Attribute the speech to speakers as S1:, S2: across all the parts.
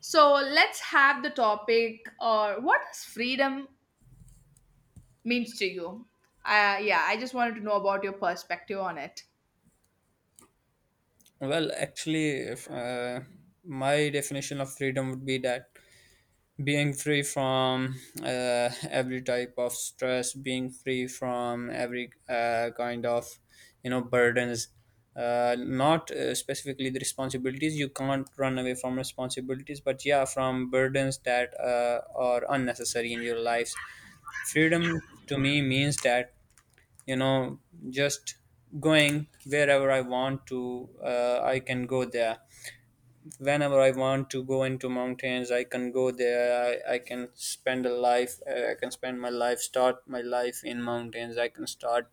S1: So let's have the topic or what does freedom means to you? Yeah, I just wanted to know about your perspective on it.
S2: Well, actually, if, my definition of freedom would be that being free from every type of stress, being free from every kind of burdens, not specifically the responsibilities. You can't run away from responsibilities, but yeah, from burdens that are unnecessary in your lives. Freedom to me means that you know just going wherever I want to, I can go there whenever I want to go into mountains, I can go there. I can spend a life. I can spend my life, start my life in mountains. I can start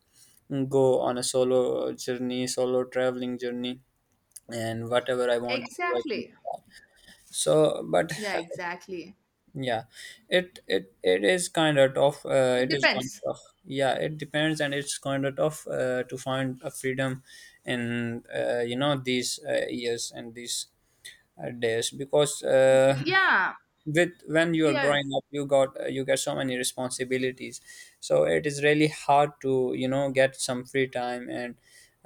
S2: mm, Go on a solo journey, solo traveling journey, and whatever I want to do, I can.
S1: Exactly.
S2: So, but
S1: Yeah, exactly.
S2: yeah, it is kind of tough.
S1: It
S2: It is kind
S1: depends.
S2: of tough. Yeah, it depends, and it's kind of tough to find a freedom in, these years and these days because
S1: Y- Yeah,
S2: with when you are
S1: yeah.
S2: growing up you got you get so many responsibilities, so it is really hard to get some free time and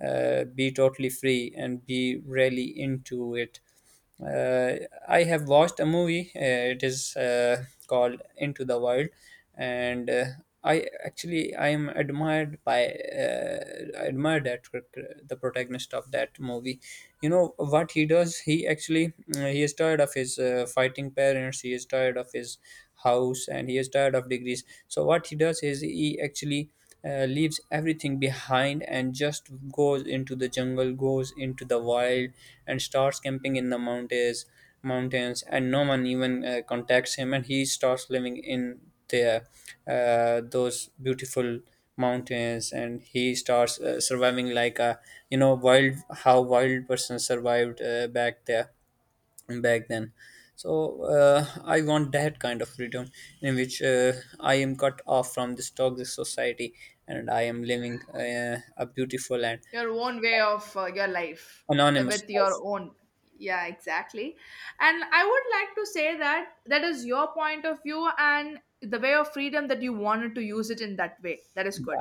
S2: be totally free and be really into it. uh, I have watched a movie. It is called Into the Wild, and I actually I am admired by I admire that the protagonist of that movie. You know what he does? He actually he is tired of his fighting parents. He is tired of his house and he is tired of degrees, so what he does is he actually leaves everything behind and just goes into the jungle, goes into the wild, and starts camping in the mountains, and no one even contacts him, and he starts living in there, those beautiful mountains. And he starts surviving like a, wild, how wild person survived back there, back then. So I want that kind of freedom in which I am cut off from this toxic society and I am living a beautiful and
S1: Your own way of your life
S2: anonymous
S1: with your
S2: life.
S1: own. Yeah, exactly. And I would like to say that that is your point of view, and the way of freedom that you wanted to use it in that way, that is good.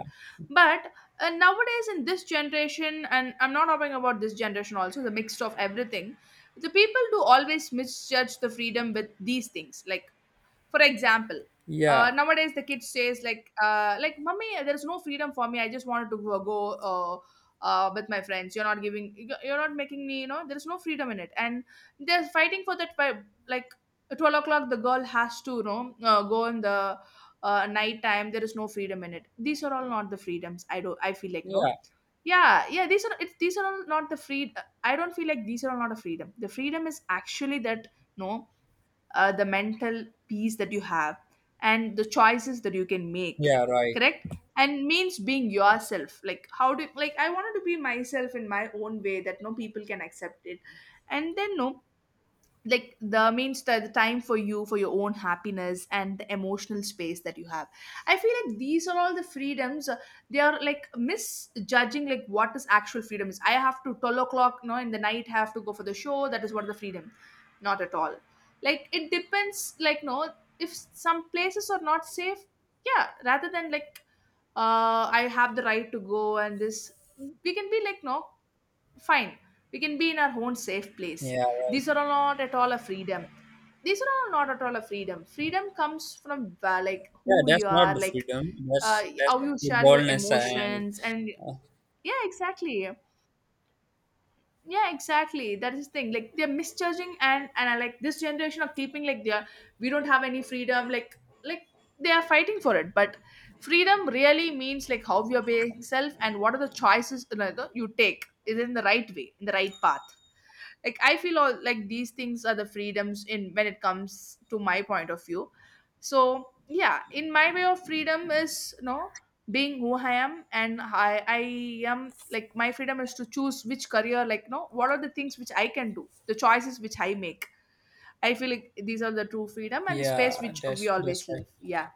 S1: But nowadays in this generation, and I'm not talking about this generation, also the mix of everything, the people do always misjudge the freedom with these things, like, for example,
S2: Yeah,
S1: nowadays the kid says like, "Mummy, there's no freedom for me. I just wanted to go, go uh, with my friends. You're not giving, you're not making me. You know, there's no freedom in it." And they're fighting for that. By, like 12 o'clock, the girl has to, you know, go in the night time. There is no freedom in it. These are all not the freedoms. I don't. I feel like no.
S2: yeah,
S1: Yeah, yeah. These are it's, these are all not the free. I don't feel like these are all not a freedom. The freedom is actually that, no, the mental peace that you have and the choices that you can make.
S2: yeah, right.
S1: Correct. And means being yourself, like how do, like I wanted to be myself in my own way that no people can accept it. And then no, like the means the time for you for your own happiness and the emotional space that you have. I feel like these are all the freedoms. They are like misjudging, like what is actual freedom is. I have to 12 o'clock, you know, in the night I have to go for the show, that is what the freedom. Not at all. Like it depends, like no, if some places are not safe, yeah, rather than like, I have the right to go. And this, we can be like no, fine, we can be in our own safe place.
S2: Yeah,
S1: These are all not at all a freedom. These are all not at all a freedom. Freedom comes from like
S2: yeah,
S1: who
S2: that's
S1: you
S2: not
S1: are,
S2: the
S1: like
S2: freedom. That's
S1: how you
S2: actually
S1: share your
S2: boldness and
S1: emotions, and
S2: uh,
S1: yeah, exactly. Yeah, exactly. That is the thing. Like they're misjudging, and I like this generation of keeping, like they're, we don't have any freedom. Like they are fighting for it, but freedom really means like how you're being self and what are the choices, you know, you take is in the right way, in the right path. Like I feel all like these things are the freedoms in, when it comes to my point of view. So yeah, in my way of freedom is, you know, being who I am. And I am like my freedom is to choose which career, like you know, what are the things which I can do, the choices which I make. I feel like these are the true freedom and the space
S2: yeah,
S1: which we
S2: that's
S1: always
S2: right.
S1: live. Yeah.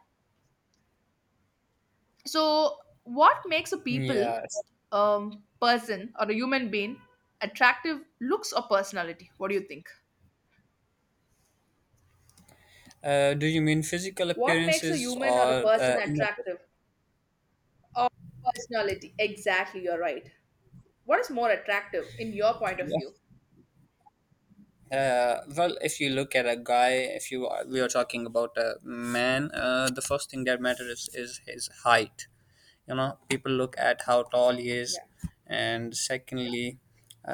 S1: So what makes a people,
S2: Yes.
S1: um, person or a human being attractive, looks or personality, what do you think?
S2: Do you mean physical
S1: What makes a
S2: appearances
S1: human or a
S2: or
S1: person
S2: inner?
S1: attractive? Or personality. Exactly, you're right. What is more attractive in your point of view?
S2: Well, if you look at a guy, if you we are talking about a man, the first thing that matters is his height. You know, people look at how tall he is,
S1: Yeah,
S2: and secondly,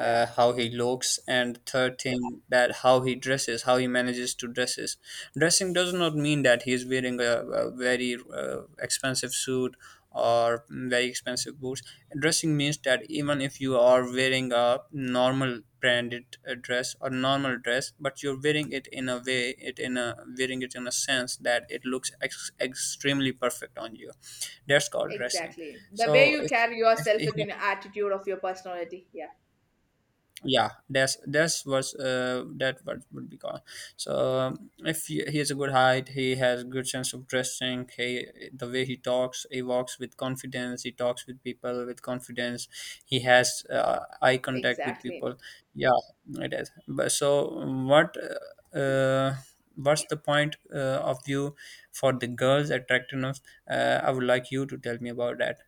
S1: yeah,
S2: how he looks, and third thing, that how he dresses, how he manages to dresses. Dressing does not mean that he is wearing a very expensive suit or very expensive boots. Dressing means that even if you are wearing a normal branded dress or normal dress, but you're wearing it in a way, it in a wearing it in a sense that it looks extremely perfect on you. That's called dressing.
S1: exactly. The way
S2: So
S1: you carry yourself
S2: if
S1: within your attitude of your personality. Yeah,
S2: Yeah, that's was that what would be called. So if he has a good height, he has good sense of dressing, he, the way he talks, he walks with confidence, he talks with people with confidence, he has eye contact with
S1: exactly.
S2: people. Yeah, it is. But so what, what's the point of view for the girl's attractiveness? I would like you to tell me about that.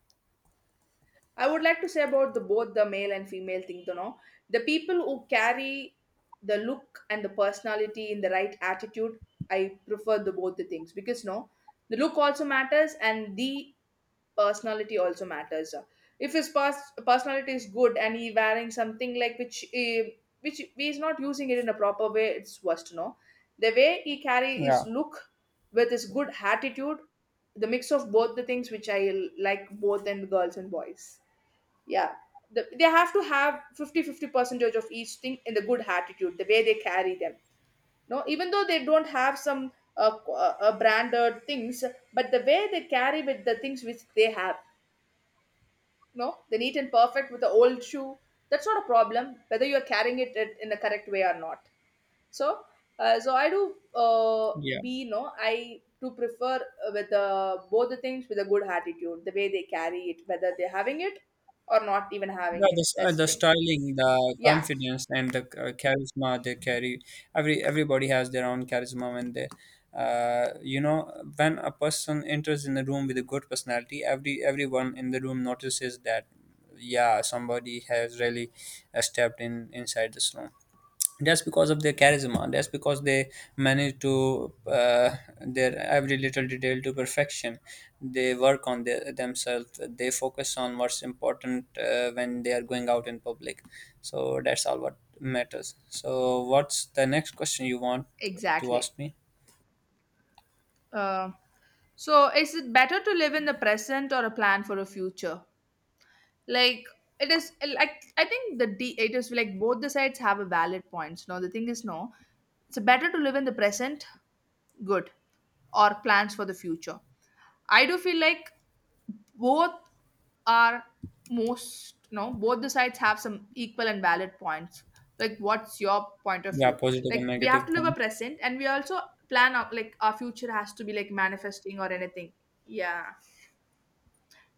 S1: I would like to say about the both the male and female thing, you know. The people who carry the look and the personality in the right attitude, I prefer the both the things because no, the look also matters and the personality also matters. If his pers- personality is good and he wearing something like which which he is not using it in a proper way, it's worse to know. The way he carry his
S2: Yeah.
S1: look with his good attitude, the mix of both the things which I l- like both in girls and boys. Yeah. The, they have to have 50 50 percentage of each thing in the good attitude, the way they carry them. No, even though they don't have some branded things, but the way they carry with the things which they have, no, the neat and perfect with the old shoe, that's not a problem whether you're carrying it in the correct way or not. So so I do
S2: Yeah.
S1: be no, I do prefer with both the things with a good attitude, the way they carry it, whether they're having it or not even having
S2: Yeah, the,
S1: it, that's
S2: the
S1: the thing.
S2: styling, the
S1: Yeah,
S2: confidence, and the charisma they carry. Everybody has their own charisma when they, uh, you know, when a person enters in the room with a good personality, everyone in the room notices that. Yeah, somebody has really stepped in inside this room just because of their charisma, just because they manage to their every little detail to perfection. They work on themselves, they focus on what's important when they are going out in public. So that's all what matters. So what's the next question you want to
S1: exactly.
S2: ask me?
S1: uh, so is it better to live in the present or a plan for a future, like. It is, like I think the d, it is like both the sides have a valid points. No, the thing is no, it's better to live in the present, good, or plans for the future. I do feel like both are most, no, both the sides have some equal and valid points. Like what's your point of
S2: Yeah,
S1: view?
S2: positive and
S1: Like we have
S2: negative
S1: to live a
S2: points.
S1: present and we also plan out, like our future has to be like manifesting or anything. Yeah.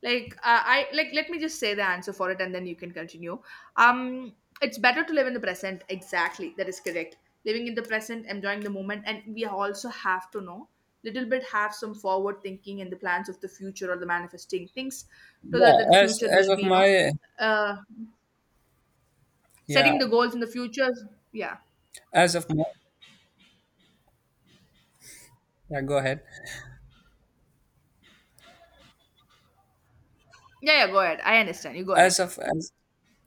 S1: Like I, like let me just say the answer for it and then you can continue. um it's better to live in the present, exactly, that is correct. Living in the present, enjoying the moment, and we also have to know little bit, have some forward thinking and the plans of the future or the manifesting things, so that the
S2: yeah as
S1: future
S2: as
S1: will
S2: of
S1: be, you know,
S2: my
S1: uh
S2: yeah,
S1: setting the goals in the future. Yeah.
S2: as of my, yeah, go ahead.
S1: Yeah, go ahead. I understand you, go
S2: as
S1: ahead.
S2: of as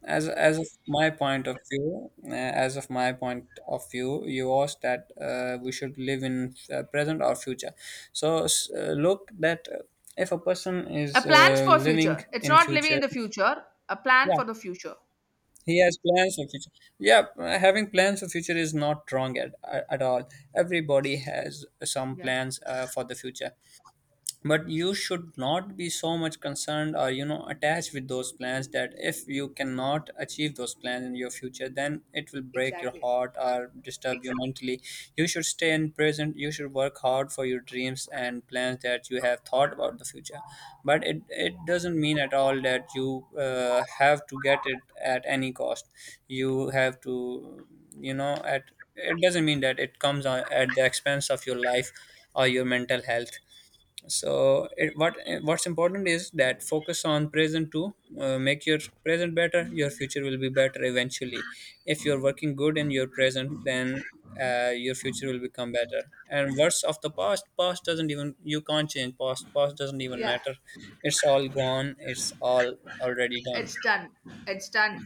S2: as of my point of view, as of my point of view, you asked that we should live in present or future. So, look that if a person
S1: A
S2: is
S1: plans for
S2: living
S1: future, it's
S2: in
S1: not living in
S2: future,
S1: the future. A plan
S2: yeah,
S1: for the future.
S2: he has plans for future. Yeah, having plans for future is not wrong at all. Everybody has some
S1: Yeah,
S2: plans for the future, but you should not be so much concerned or attached with those plans, that if you cannot achieve those plans in your future then it will break your
S1: exactly.
S2: heart or disturb you mentally. You should stay in present, you should work hard for your dreams and plans that you have thought about the future. But it doesn't mean at all that you have to get it at any cost. You have to, you know at it doesn't mean that it comes at the expense of your life or your mental health. So it, what's important is that focus on present to make your present better, your future will be better eventually. If you're working good in your present, then your future will become better. And what's of the past, past doesn't even, you can't change past, past doesn't even
S1: Yeah.
S2: matter. It's all gone, it's all already done.
S1: It's done. It's done.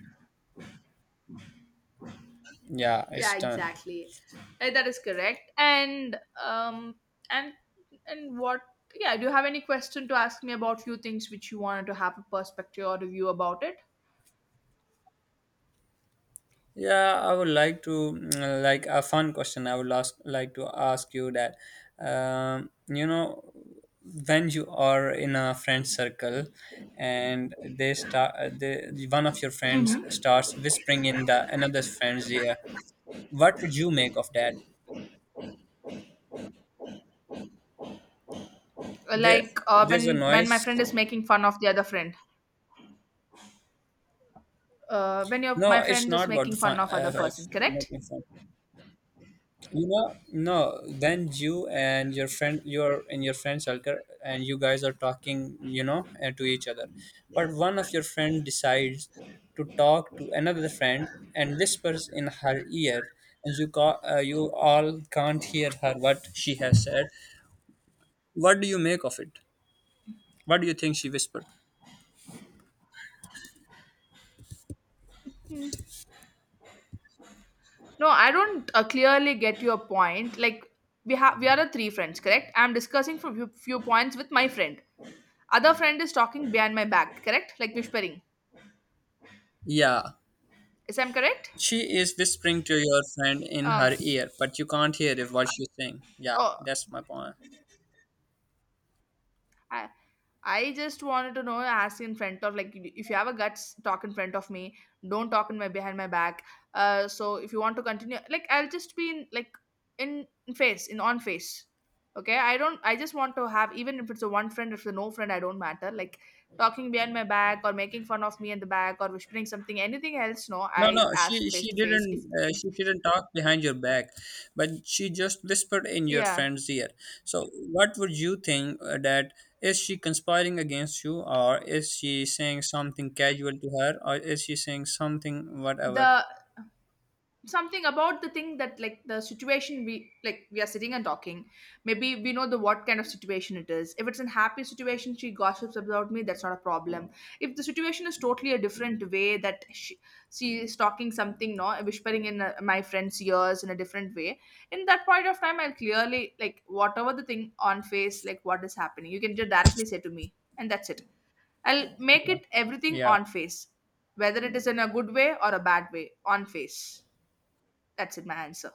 S2: Yeah, it's
S1: Yeah,
S2: done.
S1: exactly. That is correct. And and what yeah, do you have any question to ask me about few things which you wanted to have a perspective or review about it?
S2: Yeah, I would like to like a fun question. I would ask like to ask you that, um, you know, when you are in a friend circle, and they start, one of your friends
S1: Mm-hmm.
S2: starts whispering in the another friend's ear. What would you make of that? There,
S1: Like
S2: there's a
S1: when my
S2: noise.
S1: friend is making fun of the other friend. When your
S2: No,
S1: my
S2: it's
S1: friend is
S2: not about
S1: making
S2: the
S1: fun
S2: fun.
S1: of other person, correct?
S2: Making fun. You know, no, then you and your friend, you're in your friend circle and you guys are talking, you know, to each other. But one of your friend decides to talk to another friend and whispers in her ear, and you you all can't hear her what she has said. What do you make of it? What do you think she whispered?
S1: No, I don't clearly get your point. Like we have, we are the three friends, correct? I'm discussing for few points with my friend. Other friend is talking behind my back, correct? Like whispering.
S2: Yeah,
S1: Is I'm correct?
S2: she is whispering to your friend in her
S1: Um.
S2: ear, but you can't hear if what she's saying. Yeah,
S1: Oh,
S2: that's my point.
S1: I I just wanted to know, ask in front of, like if you have a guts, talk in front of me. Don't talk in my behind my back. So if you want to continue, like I'll just be in like in face in on face. Okay, I don't. I just want to have, even if it's a one friend, if it's a no friend, I don't matter. Like talking behind my back or making fun of me in the back or whispering something, anything else. No,
S2: No,
S1: I
S2: no,
S1: ask
S2: she
S1: face to face. If if
S2: she didn't talk behind your back, but she just whispered in your
S1: yeah,
S2: friend's ear. So, what would you think that is she conspiring against you, or is she saying something casual to her, or is she saying something whatever?
S1: the something about the thing that, like the situation we, like we are sitting and talking, maybe we know the what kind of situation it is. If it's a happy situation she gossips about me, that's not a problem. If the situation is totally a different way that she is talking something no, whispering in my friend's ears in a different way, in that point of time I'll clearly, like whatever the thing on face, like what is happening you can just directly say to me, and that's it. I'll make it everything
S2: Yeah.
S1: on face, whether it is in a good way or a bad way on face. That's it, my answer.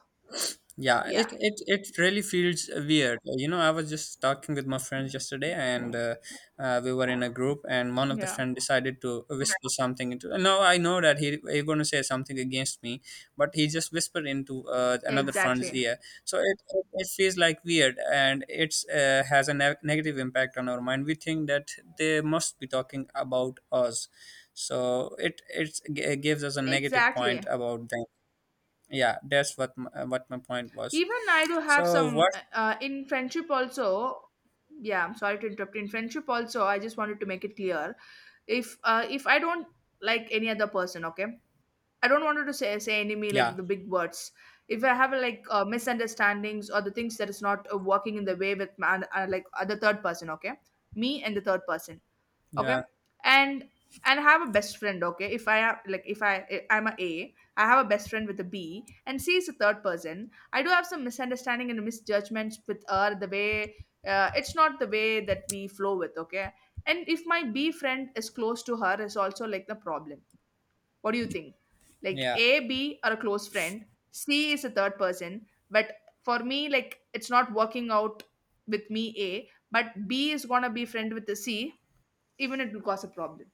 S2: Yeah, it,
S1: Yeah,
S2: it it really feels weird. You know, I was just talking with my friends yesterday, and we were in a group, and one of the
S1: yeah,
S2: friend decided to whisper something into. No, I know that he going to say something against me, but he just whispered into
S1: yeah,
S2: another friend's
S1: exactly,
S2: ear. So it, it feels like weird, and it's has a negative impact on our mind. We think that they must be talking about us, so it gives us a negative
S1: exactly.
S2: point about them. Yeah, that's what my point was.
S1: Even I do have
S2: So
S1: some
S2: what?
S1: in friendship also. Yeah, I'm sorry to interrupt. In friendship also, I just wanted to make it clear. If I don't like any other person, okay, I don't want to say enemy like
S2: Yeah,
S1: the big words. If I have like misunderstandings or the things that is not working in the way with man, like other third person, okay, me and the third person, okay.
S2: yeah,
S1: And and I have a best friend, okay. If I have like if I I- I'm a I have a best friend with A, B, and C is a third person. I do have some misunderstanding and misjudgments with her, the way it's not the way that we flow with, okay. And if my B friend is close to her is also like the problem. What do you think? Like
S2: yeah.
S1: A, B are a close friend, C is a third person, but for me, like it's not working out with me A, but B is gonna be friend with the C, even it will cause a problem.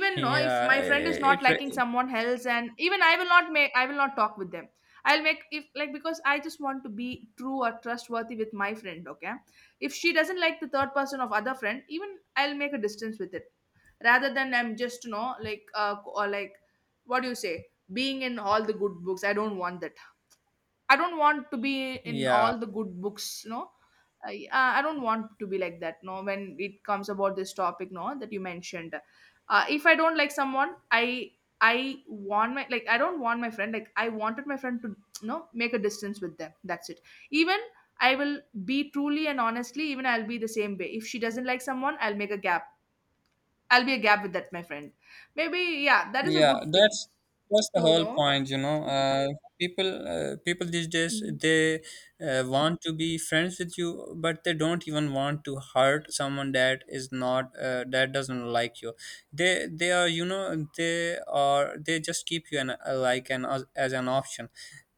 S1: no, if
S2: yeah
S1: my friend is not
S2: it, it
S1: liking
S2: re-
S1: someone else, and even I will not make, I will not talk with them. I'll make if like, because I just want to be true or trustworthy with my friend, okay. If she doesn't like the third person of other friend, even I'll make a distance with it, rather than I'm just, you know, like or like, what do you say, being in all the good books. I don't want that. I don't want to be in
S2: yeah,
S1: all the good books, you know. I don't want to be like that, no, when it comes about this topic, no, that you mentioned. If I don't like someone, I want my, like I don't want my friend, like I wanted my friend to, you know, make a distance with them. That's it. Even I will be truly and honestly, even I'll be the same way. If she doesn't like someone, I'll make a gap. I'll be a gap with that my friend. Maybe yeah, that is a
S2: yeah,
S1: good thing
S2: that's the
S1: to
S2: whole
S1: know.
S2: point. People, people these days,
S1: Mm.
S2: they want to be friends with you, but they don't even want to hurt someone that is not that doesn't like you. They are, they are, they just keep you like an as an option.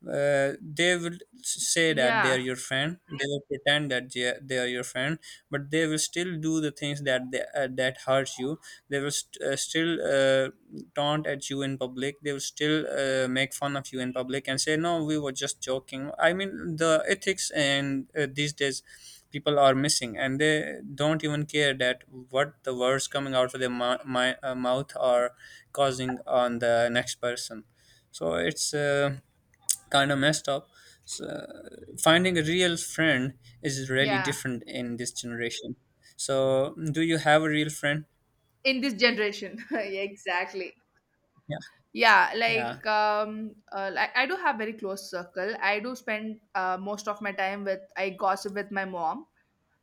S2: They will say that they are
S1: Yeah.
S2: your friend, they will pretend that they are your friend, but they will still do the things that that hurt you. They will still taunt at you in public, they will still make fun of you in public and say no, we were just joking. I mean, the ethics and these days people are missing, and they don't even care that what the words coming out of their mouth are causing on the next person. So it's kind of messed up. So, finding a real friend is really
S1: Yeah.
S2: different in this generation. So, do you have a real friend?
S1: In this generation, yeah, exactly.
S2: Yeah,
S1: Yeah,
S2: yeah.
S1: like I do have very close circle. I do spend most of my time with. I gossip with my mom,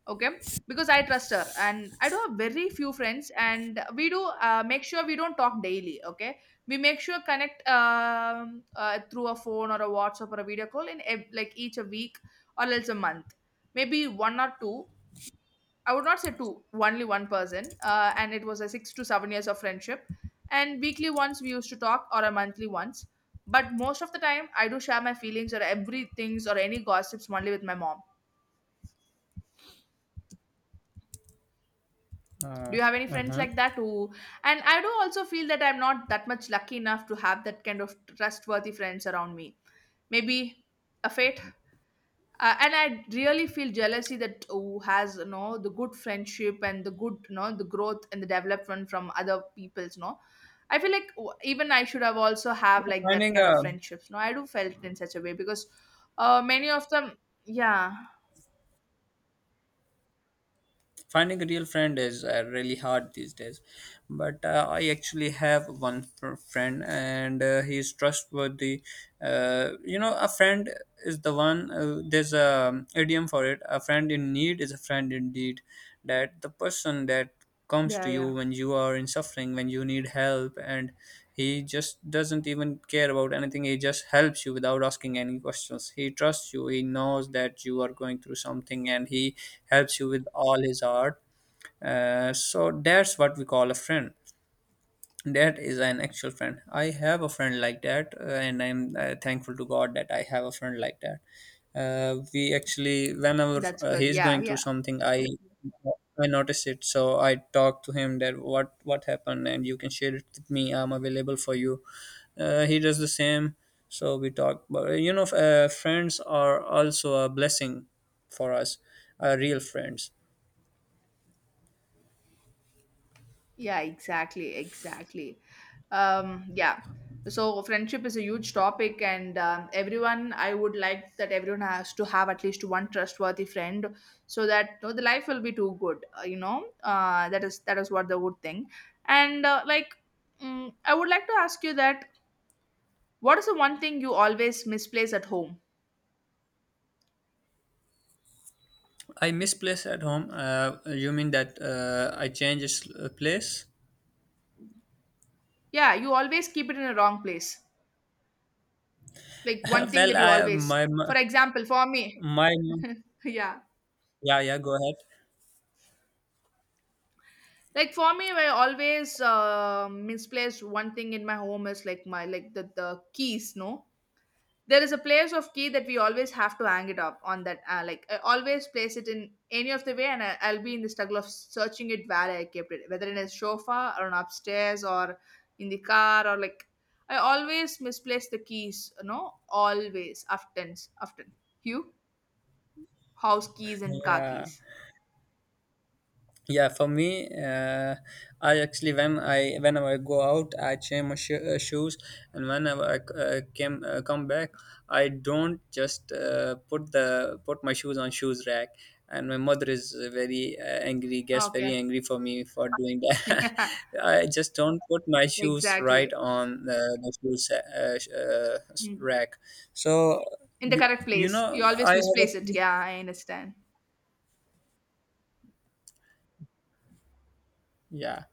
S1: okay, because I trust her. And I do have very few friends, and we do make sure we don't talk daily, okay. We make sure connect through a phone or a WhatsApp or a video call in like each a week, or else a month, maybe one or two. I would not say two, only one person. And it was a 6 to 7 years of friendship. And weekly once we used to talk, or a monthly once. But most of the time, I do share my feelings or everything's or any gossips only with my mom. Do
S2: Uh,
S1: you have any friends
S2: uh-huh.
S1: like that who? And I do also feel that I'm not that much lucky enough to have that kind of trustworthy friends around me. Maybe a fate, and I really feel jealousy that who has, you know, the good friendship and the good, you know, the growth and the development from other people's, no. I feel like even I should have also have like that
S2: Finding
S1: kind
S2: a
S1: of friendships, no. I do felt it in such a way because many of them, yeah.
S2: Finding a real friend is really hard these days. But I actually have one friend, and he's trustworthy. You know, a friend is the one. There's a idiom for it. A friend in need is a friend indeed. That the person that comes
S1: Yeah.
S2: to you
S1: Yeah,
S2: when you are in suffering, when you need help, and he just doesn't even care about anything. He just helps you without asking any questions. He trusts you. He knows that you are going through something, and he helps you with all his heart. So that's what we call a friend. That is an actual friend. I have a friend like that, and I'm thankful to God that I have a friend like that. We actually, whenever
S1: that's good.
S2: he's
S1: Yeah,
S2: going through
S1: yeah.
S2: something, I notice it, so I talk to him that what happened, and you can share it with me. I'm available for you. He does the same, so we talk. But friends are also a blessing for us, real friends.
S1: Yeah, exactly, exactly. Yeah. So friendship is a huge topic, and everyone, I would like that everyone has to have at least one trustworthy friend, so that, you know, the life will be too good. You know, that is what the good thing. And like, mm, I would like to ask you that what is the one thing you always misplace at home?
S2: I misplace at home. You mean that I place?
S1: Yeah, you always keep it in the wrong place. Like one thing that
S2: Well,
S1: you
S2: I
S1: always,
S2: my my
S1: for example, for me,
S2: my
S1: yeah.
S2: yeah, yeah, go ahead.
S1: Like for me, I always misplace one thing in my home is like my, like the keys, no. There is a place of key that we always have to hang it up on that, like I always place it in any of the way. And I'll be in the struggle of searching it where I kept it, whether in a sofa or on upstairs, or in the car, or like, I always misplace the keys, you know, always often. Often, you, house keys and car
S2: Yeah.
S1: keys.
S2: Yeah, for me, I actually whenever I go out, I shoes, and whenever I c- came come back, I don't just put my shoes on shoes rack, and my mother is very angry gets
S1: Okay.
S2: very angry for me for doing that. I just don't put my shoes
S1: Exactly.
S2: right on the shoes
S1: Mm.
S2: rack. So,
S1: In the correct
S2: you
S1: place.
S2: know,
S1: You
S2: I
S1: always
S2: have
S1: misplace it.
S2: actually,
S1: Yeah, I understand.
S2: yeah,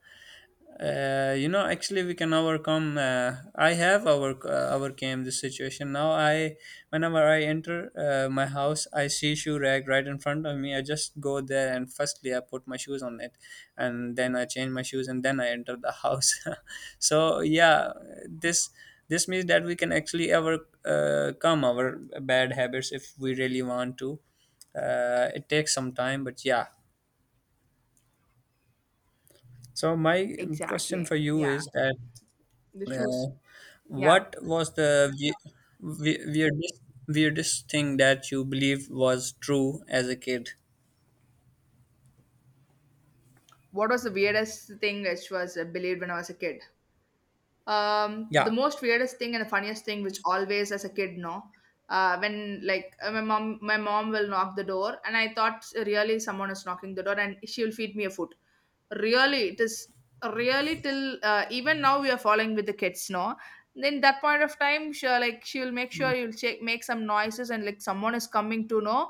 S2: you know, actually we can overcome, I have overcame this situation now. I whenever I enter my house, I see shoe rack right in front of me. I just go there, and firstly I put my shoes on it, and then I change my shoes, and then I enter the house. So yeah, this this means that we can actually overcome our bad habits if we really want to. It takes some time, but yeah. So my question
S1: Exactly.
S2: for you
S1: Yeah.
S2: is that,
S1: The
S2: Uh,
S1: shoes. Yeah.
S2: what was the we- weirdest weirdest thing that you believed was true as a kid?
S1: What was the weirdest thing which was believed when I was a kid? Um, the
S2: Yeah.
S1: most weirdest thing and the funniest thing which always as a kid, no, when like my mom will knock the door, and I thought really someone is knocking the door, and she will feed me a food. Really it is. Really till even now we are following with the kids, no. Then that point of time she like she will make sure you'll check make some noises and like someone is coming to know,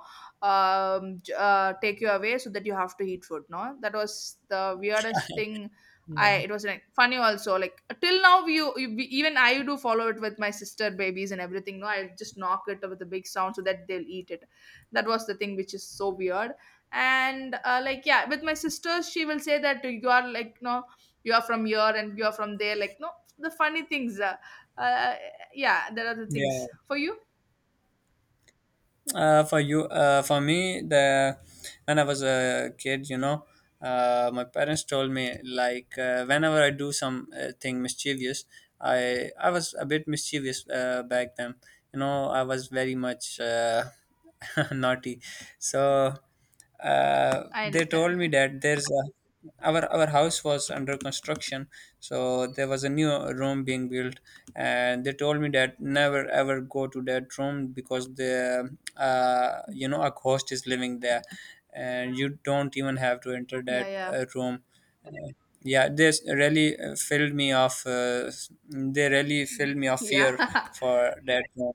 S1: take you away, so that you have to eat food, no. That was the weirdest thing.
S2: Yeah.
S1: I, it was like funny also. Like till now, we even I do follow it with my sister babies and everything. No, I just knock it with a big sound so that they'll eat it. That was the thing which is so weird. And like yeah, with my sisters, she will say that you are like no, you are from here and you are from there. Like no, the funny things. Uh, yeah, there are the
S2: Yeah.
S1: things for you.
S2: For me, the when I was a kid, you know, my parents told me like whenever I do some thing mischievous, I was a bit mischievous back then. You know, I was very much naughty, so.
S1: I
S2: They
S1: understand.
S2: told me that there's a, our house was under construction, so there was a new room being built, and they told me that never ever go to that room because the, you know, a ghost is living there, and you don't even have to enter
S1: Yeah,
S2: that
S1: yeah,
S2: room. Uh, yeah, this really filled me off they really filled me of fear
S1: yeah.
S2: for that room.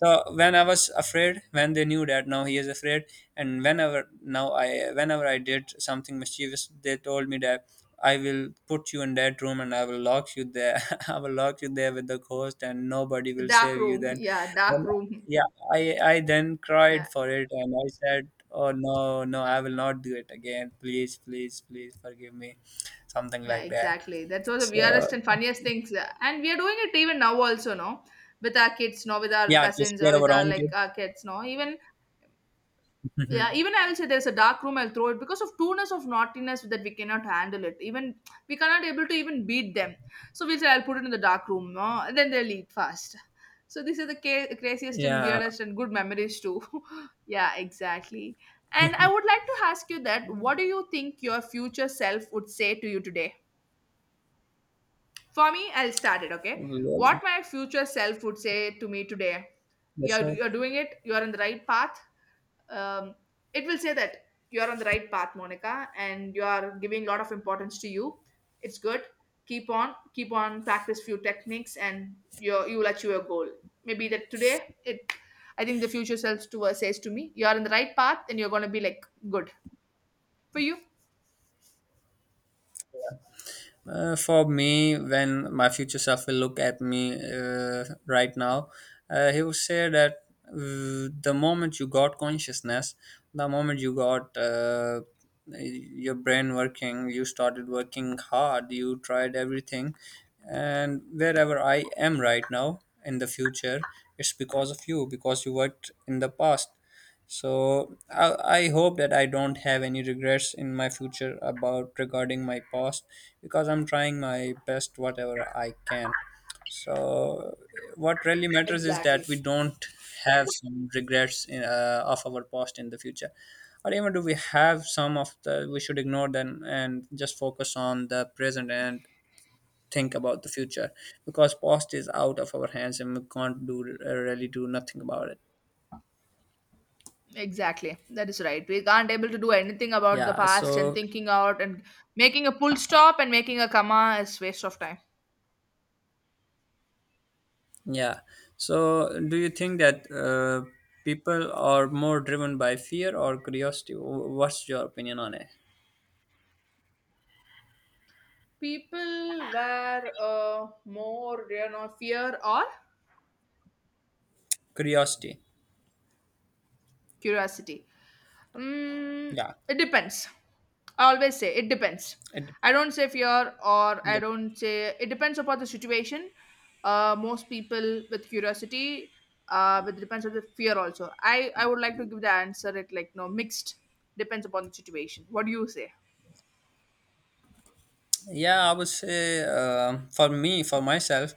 S2: So when I was afraid, when they knew that now he is afraid, and whenever I did something mischievous, they told me that I will put you in that room and I will lock you there. I will lock you there with the ghost and nobody
S1: The
S2: will
S1: dark
S2: save you
S1: room.
S2: then.
S1: Yeah, dark
S2: Then
S1: room.
S2: yeah, I then cried
S1: Yeah.
S2: for it and I said, oh no, no, I will not do it again, please please please forgive me, something
S1: Yeah,
S2: like that.
S1: exactly. That's one of the
S2: So
S1: weirdest and funniest things. And we are doing it even now also, no? With our kids, no, with our
S2: yeah, to
S1: cousins or
S2: scare
S1: with
S2: our
S1: our
S2: own
S1: like our
S2: kids.
S1: kids, no. Even yeah, even I will say there's a dark room, I'll throw it because of trueness of naughtiness that we cannot handle it. Even we cannot able to even beat them. So we'll say I'll put it in the dark room, no, and then they'll eat fast. So these are the craziest and
S2: Yeah.
S1: weirdest and good memories too. Yeah, exactly.
S2: Yeah.
S1: And I would like to ask you that what do you think your future self would say to you today? For me, I'll start it, okay?
S2: Well,
S1: What my future self would say to me today.
S2: yeah, sure.
S1: You're doing it, you're on the right path. Um, it will say that you're on the right path, Monica, and you are giving a lot of importance to you. It's good. Keep on, keep on, practice few techniques, and you will achieve your goal. Maybe that today, it. I think the future self to, says to me, you're on the right path, and you're going to be like good. For you?
S2: For me, when my future self will look at me right now, he will say that the moment you got consciousness, the moment you got your brain working, you started working hard, you tried everything, and wherever I am right now in the future, it's because of you, because you worked in the past. So I hope that I don't have any regrets in my future about regarding my past, because I'm trying my best whatever I can. So what really matters is that
S1: Exactly.
S2: we don't have some regrets in, of our past in the future, or even do we have some of the, we should ignore them and just focus on the present and think about the future, because past is out of our hands and we can't do really do nothing about it.
S1: Exactly. That is right. We can't able to do anything about the
S2: Yeah,
S1: past and
S2: so.
S1: thinking out, and making a full stop and making a comma is waste of time.
S2: Yeah. So, do you think that people are more driven by fear or curiosity? What's your opinion on it?
S1: People were more, you know, fear or
S2: Curiosity.
S1: curiosity. Mm,
S2: Yeah.
S1: it depends. I always say it depends.
S2: It,
S1: I don't say fear, or I
S2: yeah.
S1: don't say, it depends upon the situation. Most people with curiosity, but it depends on the fear also. I would like to give the answer it like no mixed, depends upon the situation. What do you say?
S2: Yeah, I would say, for me, for myself,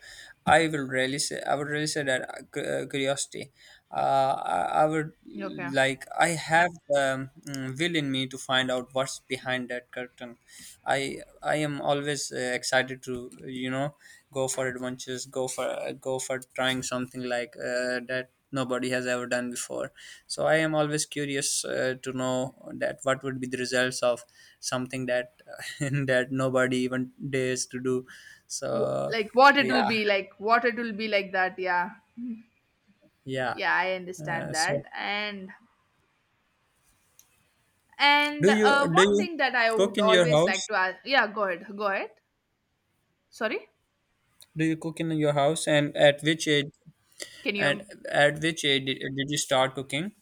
S2: I would really say that curiosity. I would
S1: Okay.
S2: like, I have the will in me to find out what's behind that curtain. i I am always excited to, you know, go for adventures, go for trying something like that nobody has ever done before. So I am always curious to know that what would be the results of something that that nobody even dares to do. So
S1: Like what it will
S2: yeah.
S1: be like, what it will be like that. Yeah,
S2: Yeah,
S1: yeah, I understand that.
S2: so,
S1: And
S2: do
S1: one
S2: you
S1: thing that I
S2: cook
S1: would
S2: in your
S1: always like
S2: house,
S1: to ask. Yeah, go ahead. Go ahead. Sorry.
S2: do you cook in your house, and at which age,
S1: Can you?
S2: and
S1: Um,
S2: at which age did you start cooking,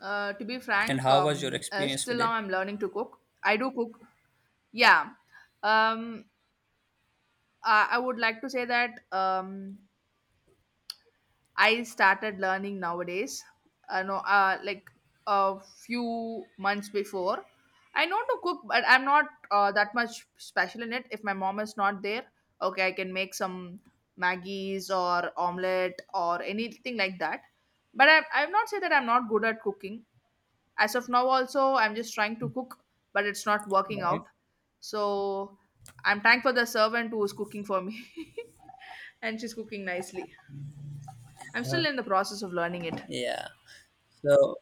S1: To be
S2: and
S1: frank,
S2: how was your experience
S1: still
S2: with
S1: now
S2: it?
S1: I'm learning to cook. I do cook. Yeah. Um, I would like to say that I started learning nowadays. No, like a few months before. I know to cook, but I'm not that much special in it. If my mom is not there, okay, I can make some Maggies or omelette or anything like that. But I have not said that I'm not good at cooking. As of now also I'm just trying to cook, but it's not working
S2: Okay.
S1: out. So I'm thankful the servant who is cooking for me. And she's cooking nicely. I'm
S2: Uh-huh.
S1: still in the process of learning it.
S2: Yeah, so,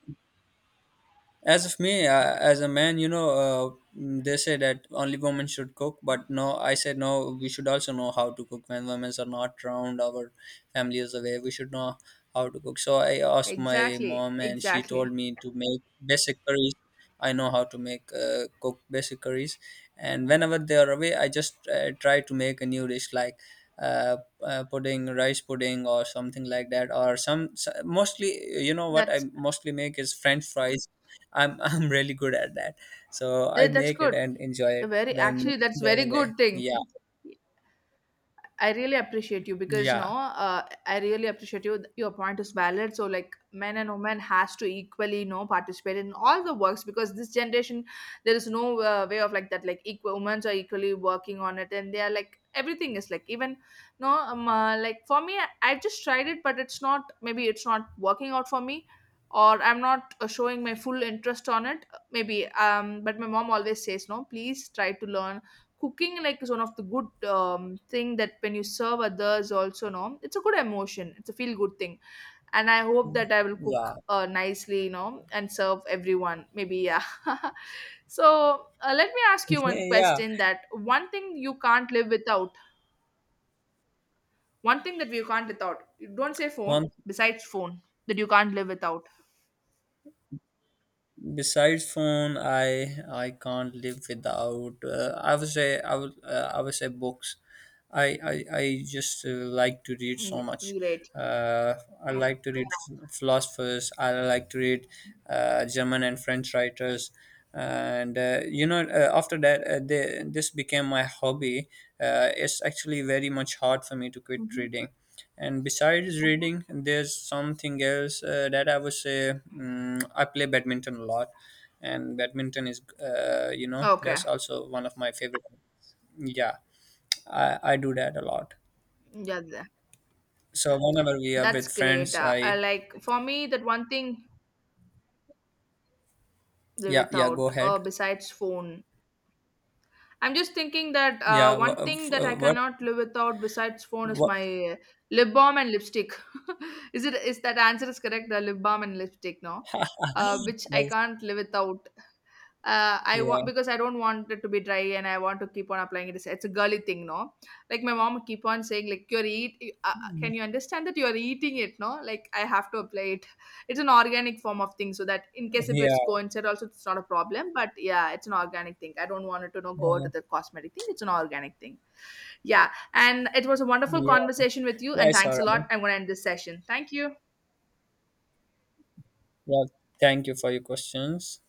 S2: as of me, as a man, you know, they say that only women should cook, but no, I said no. We should also know how to cook when women are not around. Our family is away. We should know how to cook. So I asked my
S1: Exactly,
S2: mom, and she told
S1: exactly.
S2: me to make basic curries. I know how to make cook basic curries, and whenever they are away, I just try to make a new dish like uh, pudding, rice pudding, or something like that. Or mostly, you know what I
S1: that's
S2: mostly make is French fries. I'm I'm really good at that. So I
S1: that's
S2: make it
S1: good.
S2: and enjoy
S1: A
S2: it
S1: very
S2: when
S1: actually that's
S2: they're
S1: very
S2: away.
S1: good thing.
S2: Yeah,
S1: I really appreciate you because no,
S2: yeah,
S1: I really appreciate you. Your point is valid. So like men and women has to equally, you know, participate in all the works, because this generation there is no way of like that. Like equal, women are equally working on it, and they are like everything is like even, no, like for me I just tried it, but it's not maybe it's not working out for me, or I'm not showing my full interest on it. Maybe but my mom always says no, please try to learn cooking, like is one of the good, thing that when you serve others also, no, it's a good emotion, it's a feel good thing. And I hope that I will cook
S2: yeah,
S1: nicely, you know, and serve everyone, maybe, yeah. So, let me ask you one
S2: yeah.
S1: question that one thing you can't live without, one thing that you can't without, don't say phone,
S2: One,
S1: besides phone, that you can't live without.
S2: besides phone, I can't live without, I would say books. I just like to read
S1: Mm,
S2: so much.
S1: great.
S2: uh, I like to read philosophers, I like to read German and French writers, and after that, this became my hobby. It's actually very much hard for me to quit
S1: Hmm.
S2: reading. And besides reading, there's something else that I would say, I play badminton a lot. And badminton is, you know,
S1: Okay.
S2: that's also one of my favorite. Yeah, I do that a lot.
S1: Yeah,
S2: So whenever we are
S1: that's
S2: with
S1: great.
S2: friends,
S1: I
S2: I,
S1: like for me that one thing live
S2: yeah, yeah, go
S1: without
S2: ahead.
S1: besides phone. I'm just thinking that
S2: Yeah,
S1: one thing that I cannot live without besides phone is
S2: what,
S1: my uh, lip balm and lipstick. Is it is that answer is correct? The lip balm and lipstick, no, which I
S2: else?
S1: can't live without. I want
S2: Yeah,
S1: because I don't want it to be dry and I want to keep on applying it. It's a girly thing, no. Like my mom keep on saying, like you're eat. Can you understand that you're eating it, no? Like I have to apply, it's an organic form of thing so that in case if
S2: yeah,
S1: it's coincided also it's not a problem. But yeah, it's an organic thing. I don't want it to know go to
S2: yeah,
S1: the cosmetic thing, it's an organic thing. Yeah, and it was a wonderful
S2: yeah,
S1: conversation with you, and
S2: that's all
S1: thanks a
S2: right.
S1: lot. I'm going to end this session. Thank you.
S2: Yeah, thank you for your questions.